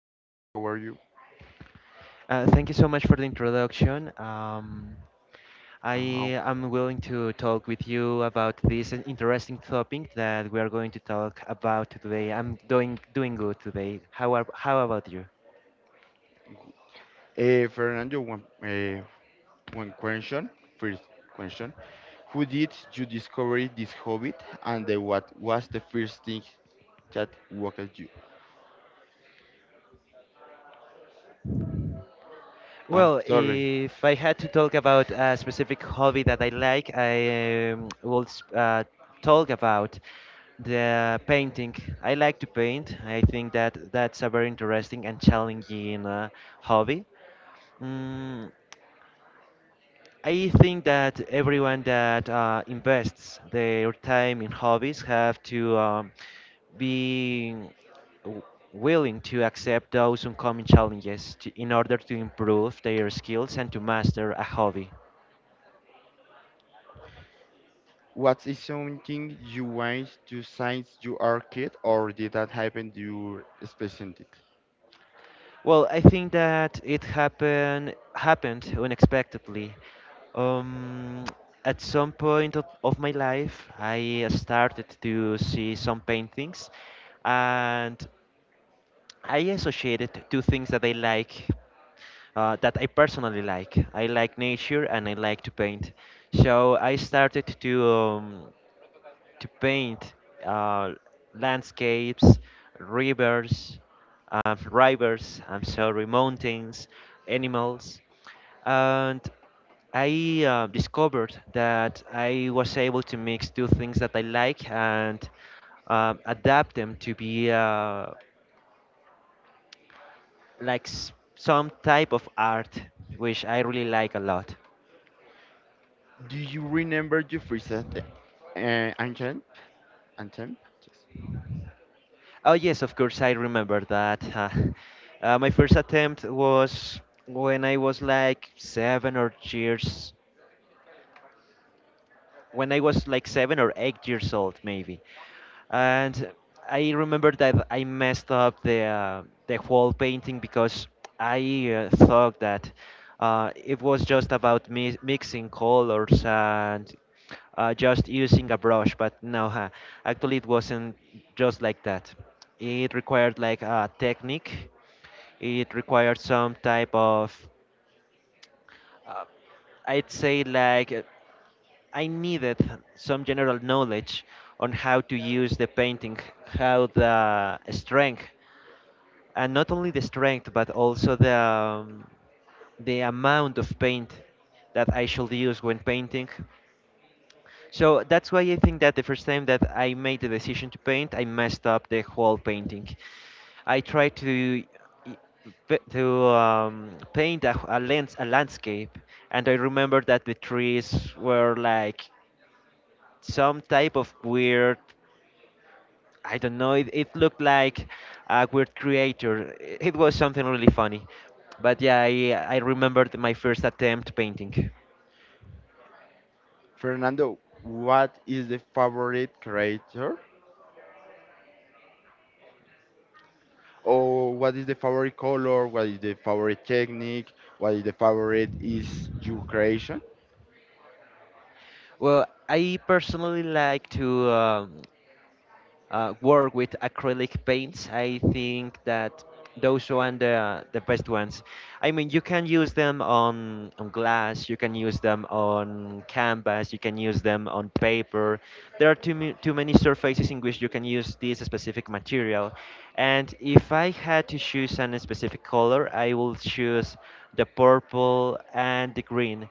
Fernando. How are you? Thank you so much for the introduction. I Ah, am willing to talk with you about this an interesting topic that we are going to talk about today. I'm doing good today. How about you? okay. Fernando, one question. First question. Who did you discover this hobby and what was the first thing that woke you? I'm Well, sorry. if I had to talk about a specific hobby that I like, I will talk about the painting. I like to paint. I think that that's a very interesting and challenging hobby. Mm, I think that everyone that invests their time in hobbies have to be w- willing to accept those oncoming challenges in order to improve their skills and to master a hobby. What is something you want to since you are kid or did that happen to you specifically? Well, I think that it happened unexpectedly. Um, at some point of my life, I started to see some paintings, and I associated two things that I like, that I personally like. I like nature and I like to paint. So I started to paint uh, landscapes, rivers, I'm sorry, mountains, animals, and I discovered that I was able to mix two things that I like and adapt them to be like some type of art, which I really like a lot. Do you remember your first uh, anthem? Anthem? Yes. Oh yes, of course I remember that. My first attempt was when I was like seven or years. when I was like 7 or 8 years old, maybe. And I remember that I messed up the whole painting because I thought that it was just about mixing colors and just using a brush, but no, actually it wasn't just like that. It required like a technique. It required some type of uh, I'd say like I needed some general knowledge on how to use the painting, how the strength, and not only the strength, but also the amount of paint that I should use when painting. So that's why I think that the first time that I made the decision to paint, I messed up the whole painting. I tried to i- paint a lens a landscape, and I remember that the trees were like some type of weird. I don't know. It looked like a weird creator. I- It was something really funny, but yeah, I remembered my first attempt painting. Fernando, what is the favorite character? Or what is the favorite color, what is the favorite technique, what is the favorite is your creation. Well, I personally like to. Work with acrylic paints. I think that those are the best ones. I mean, you can use them on glass, you can use them on canvas, you can use them on paper. There are too many surfaces in which you can use this specific material. And if I had to choose a specific color, I will choose the purple and the green.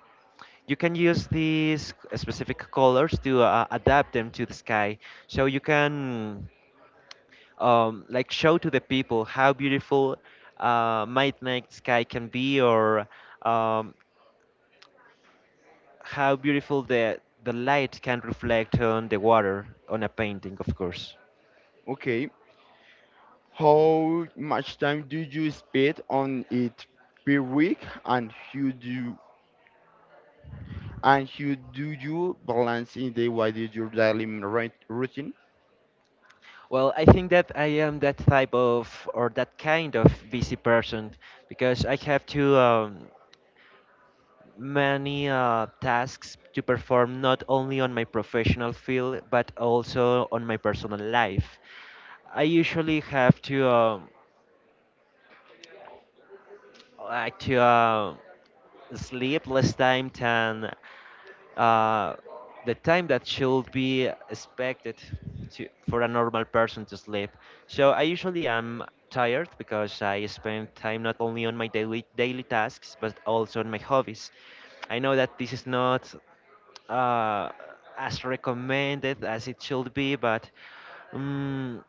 You can use these specific colors to adapt them to the sky so you can like show to the people how beautiful might night sky can be or um, how beautiful the light can reflect on the water on a painting, of course. Okay. How much time do you spend on it per week and how do you balance in the what is your daily routine? Well, I think that I am that type of or that kind of busy person because I have to many tasks to perform not only on my professional field but also on my personal life. I usually have to like to uh, sleep less time than uh, the time that should be expected for a normal person to sleep. So I usually am tired because I spend time not only on my daily tasks but also on my hobbies. I know that this is not uh, as recommended as it should be, but. um,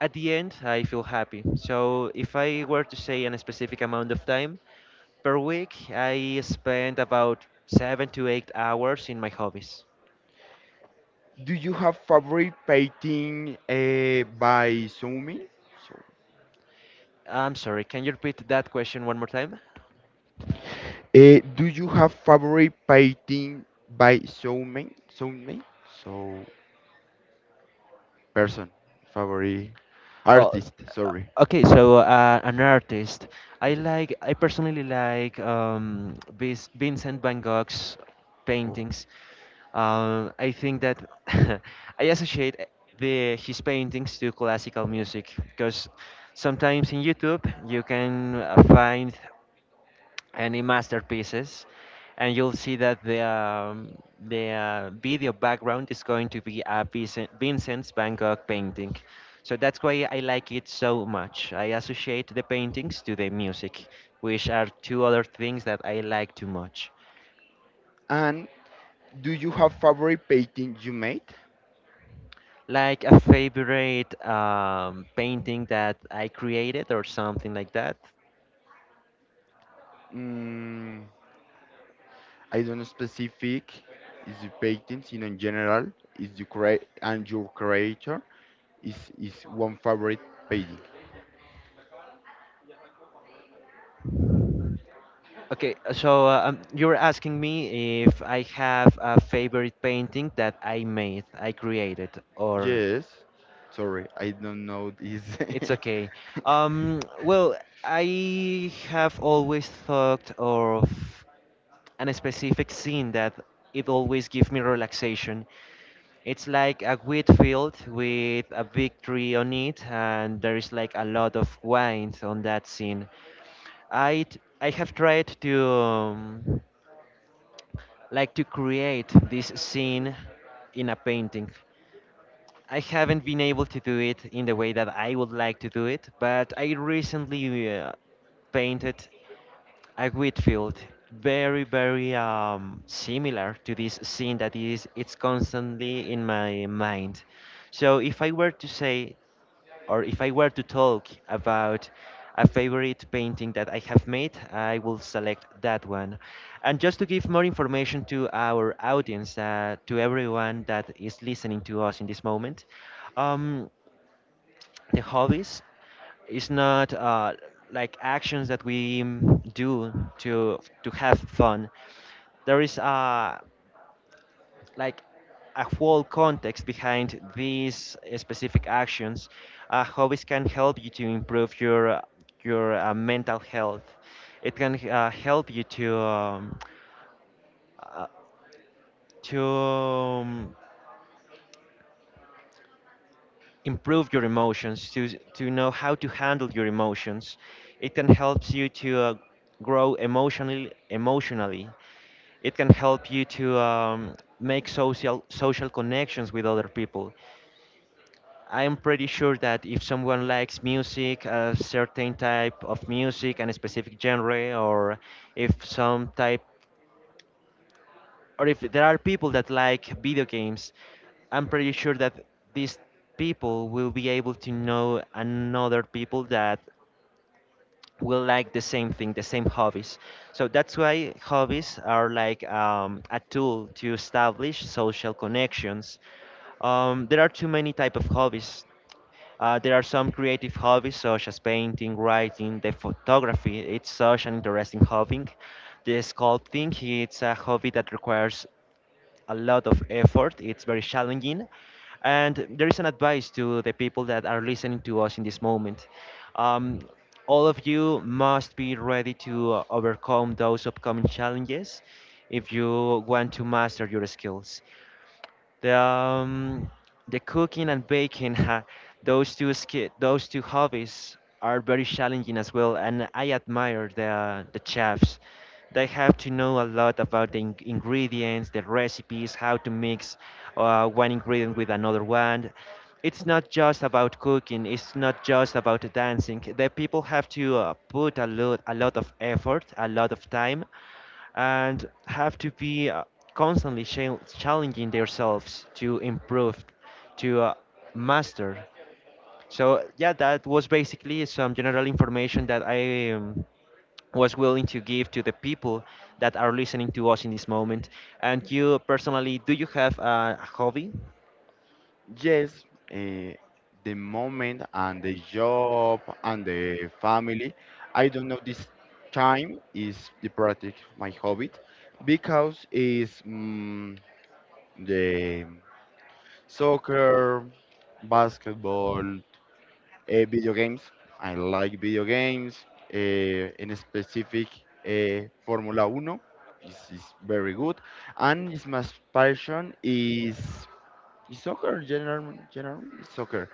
at the end, I feel happy. So if I were to say a specific amount of time per week, I spend about 7 to 8 hours in my hobbies. Do you have favorite painting by Xiaomi? So, I'm sorry, can you repeat that question one more time? Do you have favorite painting by Xiaomi? Xiaomi? So. Person, favorite Oh, artist, sorry. okay. So an artist. I Yes. like. I personally like Vincent Van Gogh's Oh. paintings. I think that I associate the his paintings to classical music because sometimes in YouTube you can find any masterpieces and you'll see that the video background is going to be a Vincent's Van Gogh painting. So that's why I like it so much. I associate the paintings to the music, which are two other things that I like too much. And do you have favorite painting you made? Like a favorite painting that I created or something like that. Mm, I don't know specific. Is the painting, you know, in general, is the create and your creator is one favorite painting. Okay, you were asking me if I have a favorite painting that I made, I created, or Yes. Sorry, I don't know this. it's okay. Well, I have always thought of an specific scene that it always gives me relaxation. It's like a wheat field with a big tree on it, and there is like a lot of wines on that scene. I have tried to create this scene in a painting. I haven't been able to do it in the way that I would like to do it, but I recently painted a wheat field very similar to this scene that is it's constantly in my mind. So if I were to say or if I were to talk about a favorite painting that I have made, I will select that one. And just to give more information to our audience, to everyone that is listening to us in this moment, um, the hobbies is not like actions that we do to have fun. There is a like a whole context behind these specific actions. Hobbies can help you to improve your mental health. It can help you to uh, to um, improve your emotions, to know how to handle your emotions. It can help you to grow emotionally. Emotionally, it can help you to make social connections with other people. I'm pretty sure that if someone likes music, a certain type of music and a specific genre, or if some type, or if there are people that like video games, I'm pretty sure that these people will be able to know another people that will like the same thing, the same hobbies. So that's why hobbies are like a tool to establish social connections. There are too many type of hobbies. There are some creative hobbies such as painting, writing, the photography. It's such an interesting hobby. The sculpting, it's a hobby that requires a lot of effort. It's very challenging. And there is an advice to the people that are listening to us in this moment. Um, all of you must be ready to overcome those upcoming challenges if you want to master your skills. The um, the cooking and baking, those two ski those two hobbies are very challenging as well, and I admire the chefs. They have to know a lot about the in ingredients, the recipes, how to mix one ingredient with another one. It's not just about cooking. It's not just about dancing. The people have to put a lot of effort, a lot of time, and have to be constantly challenging themselves to improve, to master. So yeah, that was basically some general information that I was willing to give to the people that are listening to us in this moment. And you personally, do you have a hobby? Yes, eh, the moment and the job and the family. I don't know this time is the practice my hobby because is mm, the soccer, basketball, eh, video games. I like video games. Eh, in specific, eh, Formula Uno is very good, and is my passion is it's soccer, general, general is soccer.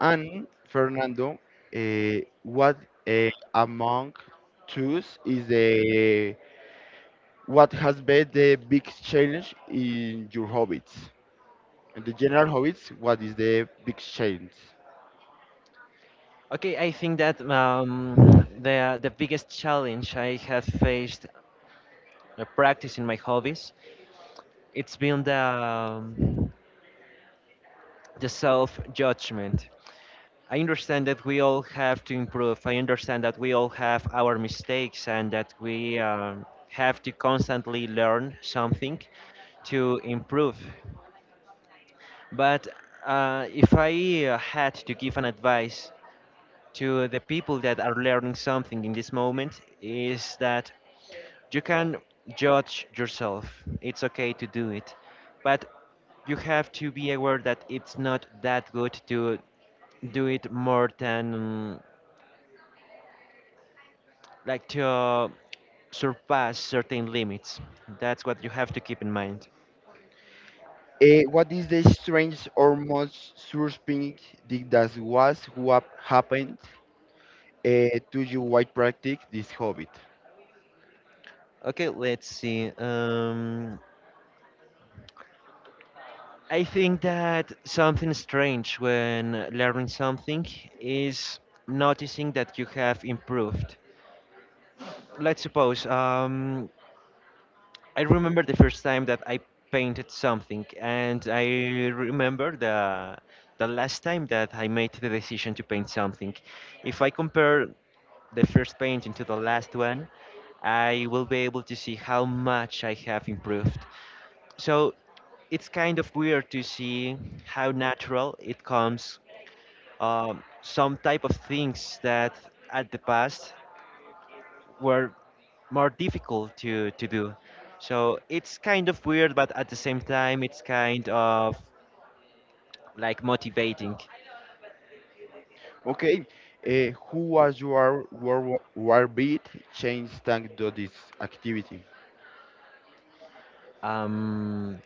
And Fernando, what uh, among tools is the what has been the biggest challenge in your hobbies? In the general hobbies, what is the big challenge? Okay, I think that the biggest challenge I have faced practicing my hobbies, it's been the self judgment. I understand that we all have to improve. I understand that we all have our mistakes and that we have to constantly learn something to improve. But if I had to give an advice to the people that are learning something in this moment, is that you can judge yourself. It's okay to do it. But you have to be aware that it's not that good to do it more than like to surpass certain limits. That's what you have to keep in mind. Eh, what is the strange or most surprising thing that was what happened to you while practice this hobby? Okay, let's see. I think that something strange when learning something is noticing that you have improved. Let's suppose I remember the first time that I painted something, and I remember the last time that I made the decision to paint something. If I compare the first painting to the last one, I will be able to see how much I have improved. So it's kind of weird to see how natural it comes. Some type of things that at the past were more difficult to do. So it's kind of weird, but at the same time, it's kind of like motivating. Okay, who was your World War Beat change thanks to this activity? Um,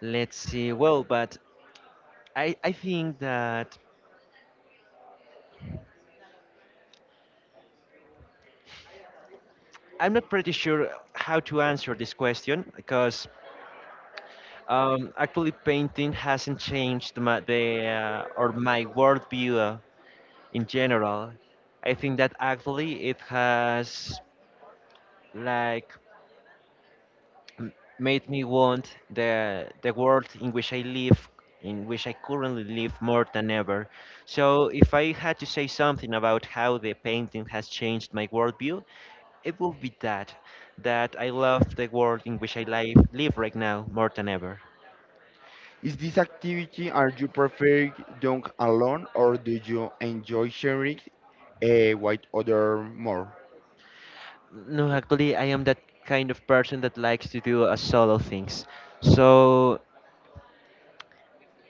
let's see. Well, but I think that I'm not pretty sure how to answer this question because actually painting hasn't changed my the or my worldview in general. I think that actually it has like m- made me want the world in which I live, in which I currently live more than ever. So if I had to say something about how the painting has changed my worldview, it will be that I love the world in which I live right now more than ever. Is this activity are you prefer doing alone or do you enjoy sharing with other more? No, actually, I am that kind of person that likes to do a solo things. So,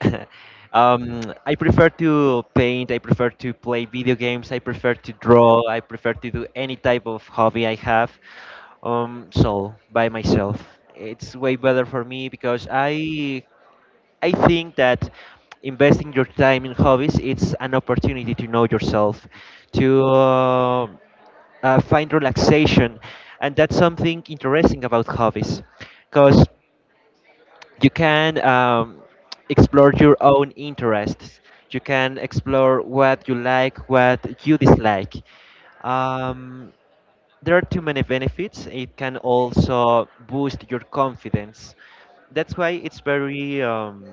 I prefer to paint. I prefer to play video games. I prefer to draw. I prefer to do any type of hobby I have, solo by myself. It's way better for me because I think that investing your time in hobbies it's an opportunity to know yourself, to find relaxation, and that's something interesting about hobbies, because you can, explore your own interests. You can explore what you like, what you dislike. Um, there are too many benefits. It can also boost your confidence. That's why it's very,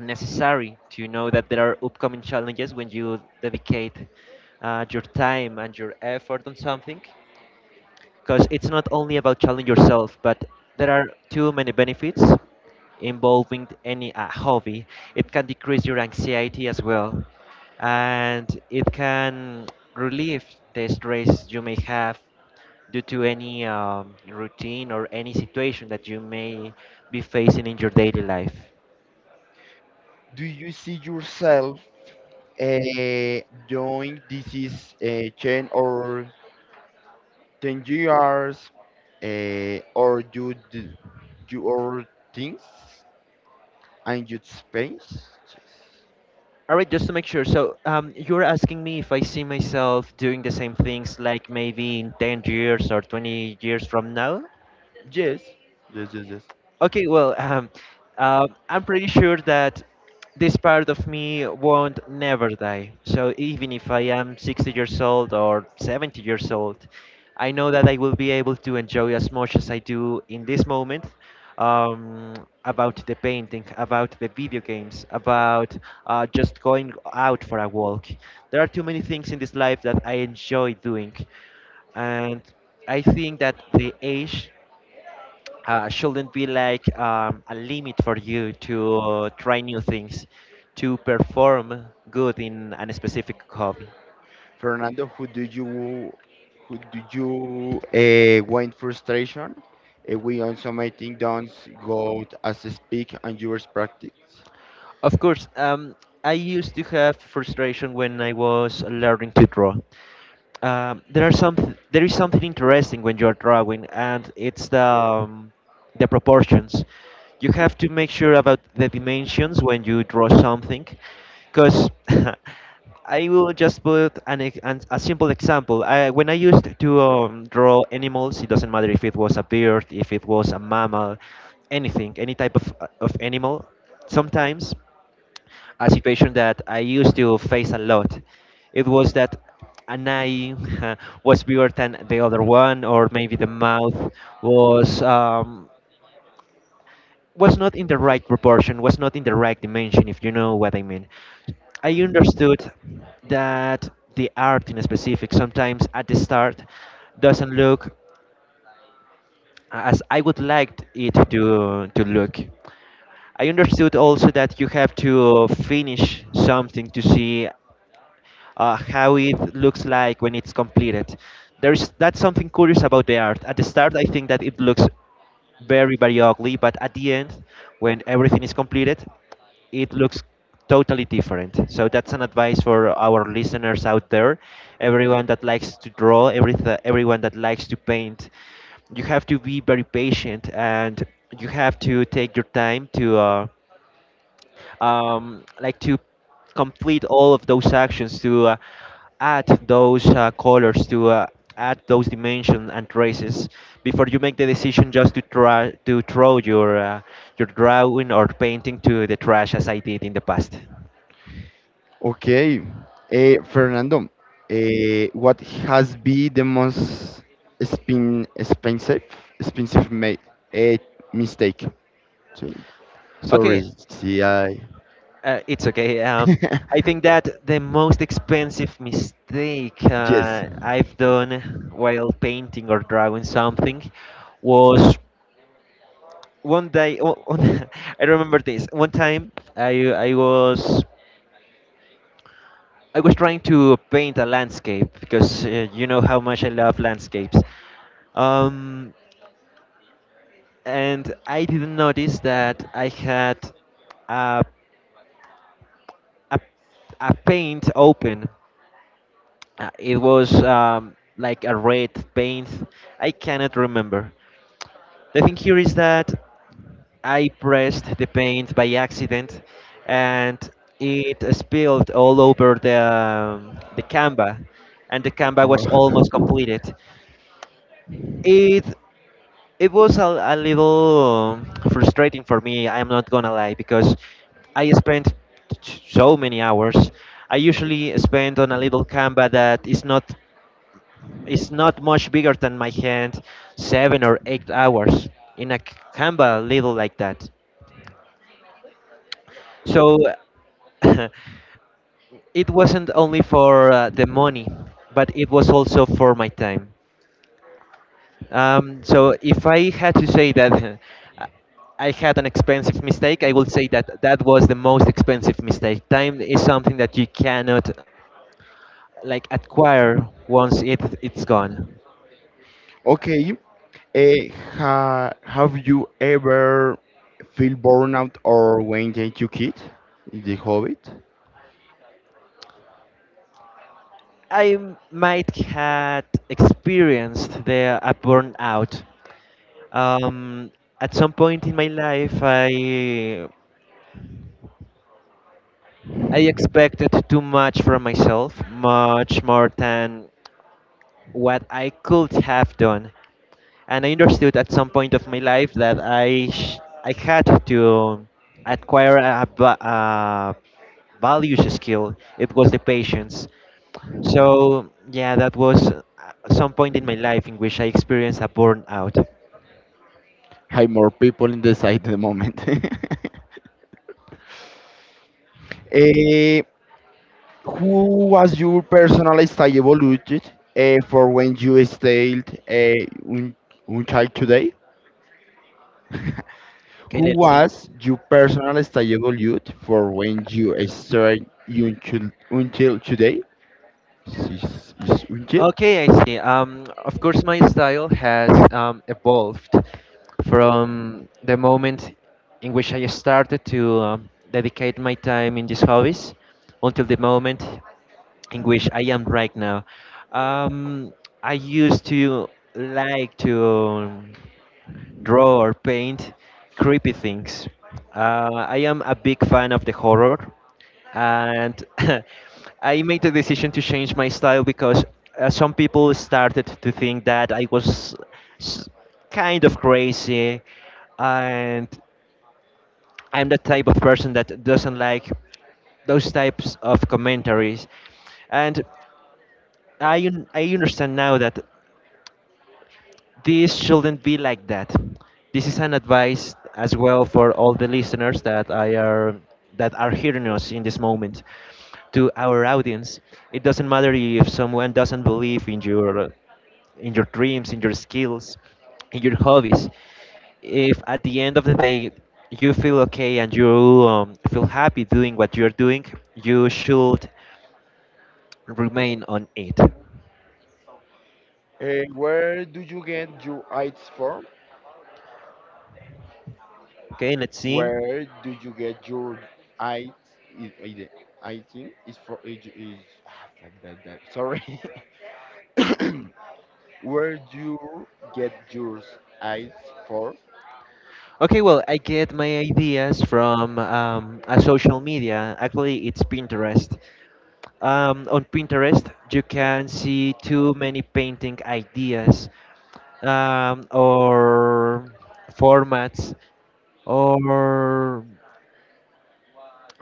necessary to know that there are upcoming challenges when you dedicate your time and your effort on something, because it's not only about challenging yourself but there are too many benefits involving any hobby. It can decrease your anxiety as well, and it can relieve the stress you may have due to any routine or any situation that you may be facing in your daily life. Do you see yourself doing this is 10 years or you do your things and you space? All right, just to make sure. So, you're asking me if I see myself doing the same things like maybe in 10 years or 20 years from now? Yes, yes, yes, yes. Okay, well, I'm pretty sure that this part of me won't never die. So even if I am 60 years old or 70 years old, I know that I will be able to enjoy as much as I do in this moment, um, about the painting, about the video games, about just going out for a walk. There are too many things in this life that I enjoy doing, and I think that the age shouldn't be like, a limit for you to try new things, to perform good in a specific hobby. Fernando, who do you win frustration? We also making dons go as a speak and yours practice. Of course, I used to have frustration when I was learning to draw. Um, there are some there is something interesting when you're drawing, and it's the proportions. You have to make sure about the dimensions when you draw something, because I will just put an, ex- an a simple example. I, when I used to draw animals, it doesn't matter if it was a bird, if it was a mammal, anything, any type of animal. Sometimes a situation that I used to face a lot. It was that an eye was bigger than the other one, or maybe the mouth was, not in the right proportion, was not in the right dimension, if you know what I mean. I understood that the art in specific sometimes at the start doesn't look as I would like it to look. I understood also that you have to finish something to see how it looks like when it's completed. There is that's something curious about the art. At the start, I think that it looks very very ugly, but at the end, when everything is completed, it looks totally different. So that's an advice for our listeners out there, everyone that likes to draw, everyone that likes to paint. You have to be very patient and you have to take your time to um, like to complete all of those actions, to add those colors, to add those dimensions and traces before you make the decision just to try to throw your drawing or painting to the trash as I did in the past. Okay, eh, Fernando, eh, what has been the most spin expensive expensive made eh, mistake? So- Sorry, Okay, see I. It's okay. I think that the most expensive mistake Yes. I've done while painting or drawing something was 1 day I remember this. One time I was I was trying to paint a landscape because you know how much I love landscapes. Um, and I didn't notice that I had a a, a paint open. It was, like a red paint. I cannot remember. The thing here is that I pressed the paint by accident, and it spilled all over the Canva, and the Canva was almost Oh. completed. It it was a little, frustrating for me. I'm not gonna lie because I spent so many hours. I usually spend on a little Canva that is not much bigger than my hand, 7 or 8 hours in a Canva little like that. So it wasn't only for the money, but it was also for my time. So if I had to say that I I had an expensive mistake, I would say that that was the most expensive mistake. Time is something that you cannot like acquire once it's gone. Okay, eh, ha, have you ever feel burnout or when did you quit the Hobbit? I might had experienced the a burnout. Um, at some point in my life, I expected too much from myself, much more than what I could have done. And I understood at some point of my life I had to acquire a values skill. It was the patience. So yeah, that was some point in my life in which I experienced a burnout. Hi, more people in the site at the moment. Eh, who was your personal style evolution for when you stayed un child today? Okay, Who let's see. was your personal style evolution for when you stayed until today? Is until? Okay, I see. Of course, my style has evolved from the moment in which I started to dedicate my time in these hobbies until the moment in which I am right now. Um, I used to like to draw or paint creepy things. I am a big fan of the horror, and I made the decision to change my style because some people started to think that I was s- kind of crazy, and I'm the type of person that doesn't like those types of commentaries. And I understand now that this shouldn't be like that. This is an advice as well for all the listeners that are hearing us in this moment, to our audience. It doesn't matter if someone doesn't believe in your dreams, in your skills, in your hobbies. If at the end of the day you feel okay and you, feel happy doing what you're doing, you should remain on it. Eh, where do you get your ideas from? Okay, let's see. Where do you get your I i- i- item? Is for is, is that, sorry. Where you get your eyes for? Okay, well, I get my ideas from a social media. Actually, it's Pinterest. On Pinterest, you can see too many painting ideas, or formats, or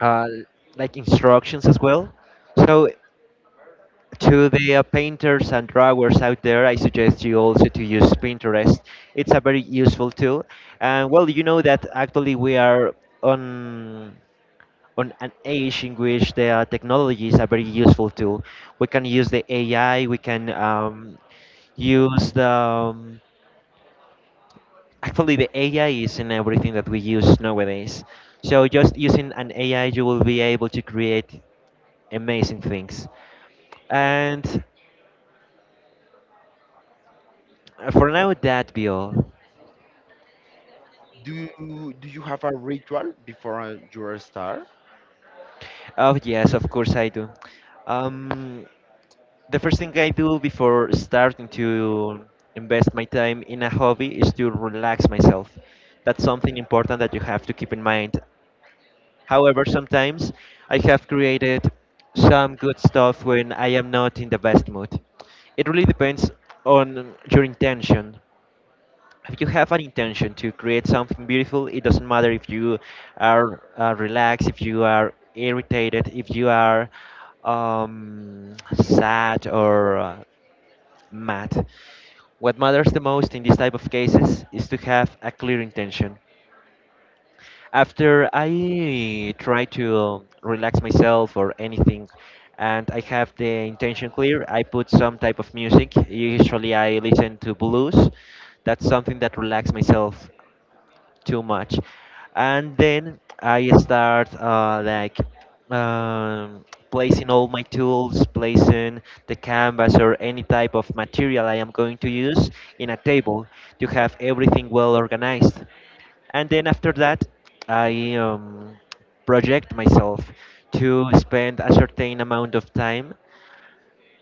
uh, like instructions as well. So to the painters and drawers out there, I suggest you also to use Pinterest. It's a very useful tool. And well, you know that actually we are on on an age in which the technology is a very useful tool. We can use the AI. We can use the actually the AI is in everything that we use nowadays. So just using an AI, you will be able to create amazing things. And for now, that Bill. Do you have a ritual before your start? Oh, yes, of course I do. Um, the first thing I do before starting to invest my time in a hobby is to relax myself. That's something important that you have to keep in mind. However, sometimes I have created some good stuff when I am not in the best mood. It really depends on your intention. If you have an intention to create something beautiful, it doesn't matter if you are relaxed, if you are irritated, if you are, sad, or mad. What matters the most in this type of cases is to have a clear intention. After I try to relax myself or anything, and I have the intention clear, I put some type of music. Usually, I listen to blues. That's something that relaxes myself too much, and then I start um, placing all my tools, placing the canvas or any type of material I am going to use in a table, to have everything well organized. And then after that I, project myself to spend a certain amount of time,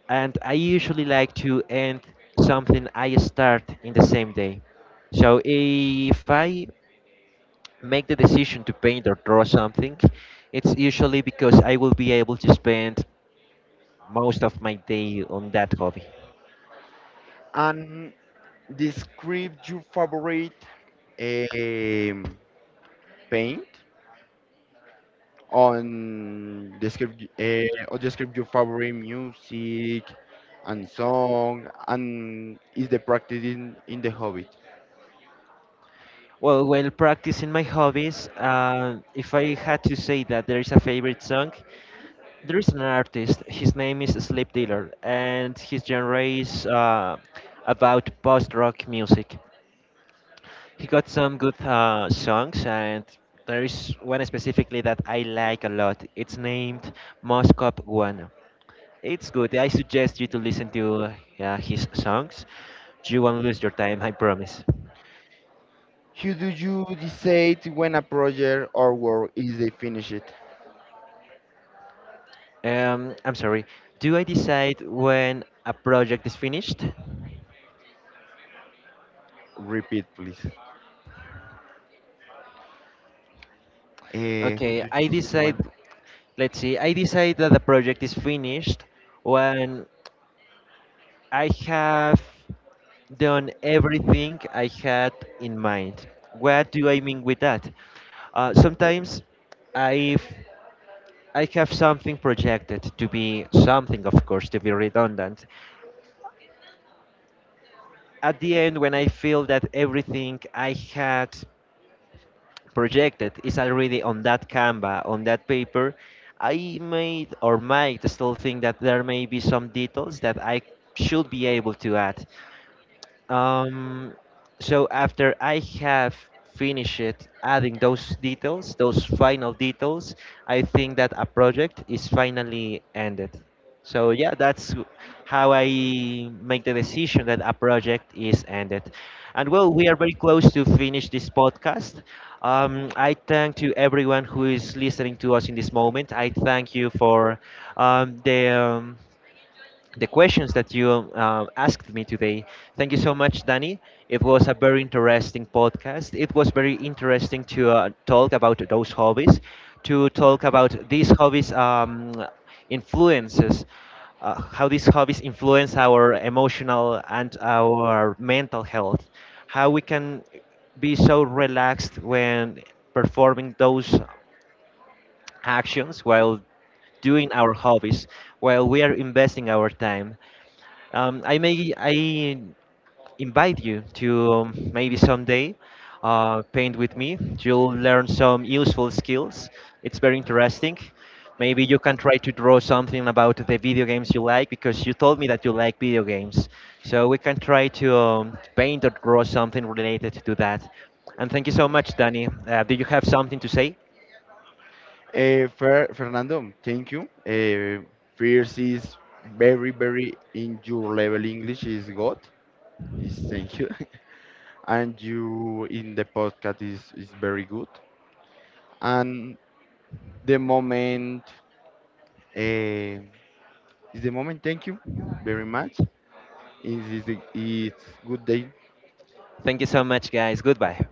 and I usually like to end something I start in the same day. So if I make the decision to paint or draw something, it's usually because I will be able to spend most of my day on that hobby. And describe your favorite um, paint on describe script, on the your favorite music and song, and is the practice in the hobby. Well, while practicing my hobbies, if I had to say that there is a favorite song, there is an artist. His name is Sleep Dealer, and his genre is about post-rock music. He got some good songs, and there is one specifically that I like a lot. It's named Moscow One. It's good. I suggest you to listen to his songs. You won't lose your time, I promise. How do you decide when a project or work is they finish it? I'm sorry. Do I decide when a project is finished? Repeat, please. Who Okay, do you I decide decide. when? Let's see. I decide that the project is finished when I have done everything I had in mind. What do I mean with that? Sometimes I've I have something projected to be something, of course, to be redundant. At the end, when I feel that everything I had projected is already on that Canva, on that paper, I might or might still think that there may be some details that I should be able to add. Um, so after I have finished it, adding those details, those final details, I think that a project is finally ended. So yeah, how I make the decision that a project is ended. And well, we are very close to finish this podcast. I thank to everyone who is listening to us in this moment. I thank you for um, the um, the questions that you asked me today. Thank you so much, Danny. It was a very interesting podcast. It was very interesting to talk about those hobbies, to talk about these hobbies, influences, how these hobbies influence our emotional and our mental health, how we can be so relaxed when performing those actions, while doing our hobbies, while we are investing our time. I invite you to, maybe someday paint with me. You'll learn some useful skills. It's very interesting. Maybe you can try to draw something about the video games you like because you told me that you like video games. So we can try to paint or draw something related to that. And thank you so much, Danny. Do you have something to say? Fernando, thank you. Fierce is very, very in your level English is good. Is thank you. And you in the podcast is very good. And the moment is the moment. Thank you very much. It is a, it's good day Thank you so much, guys. Goodbye.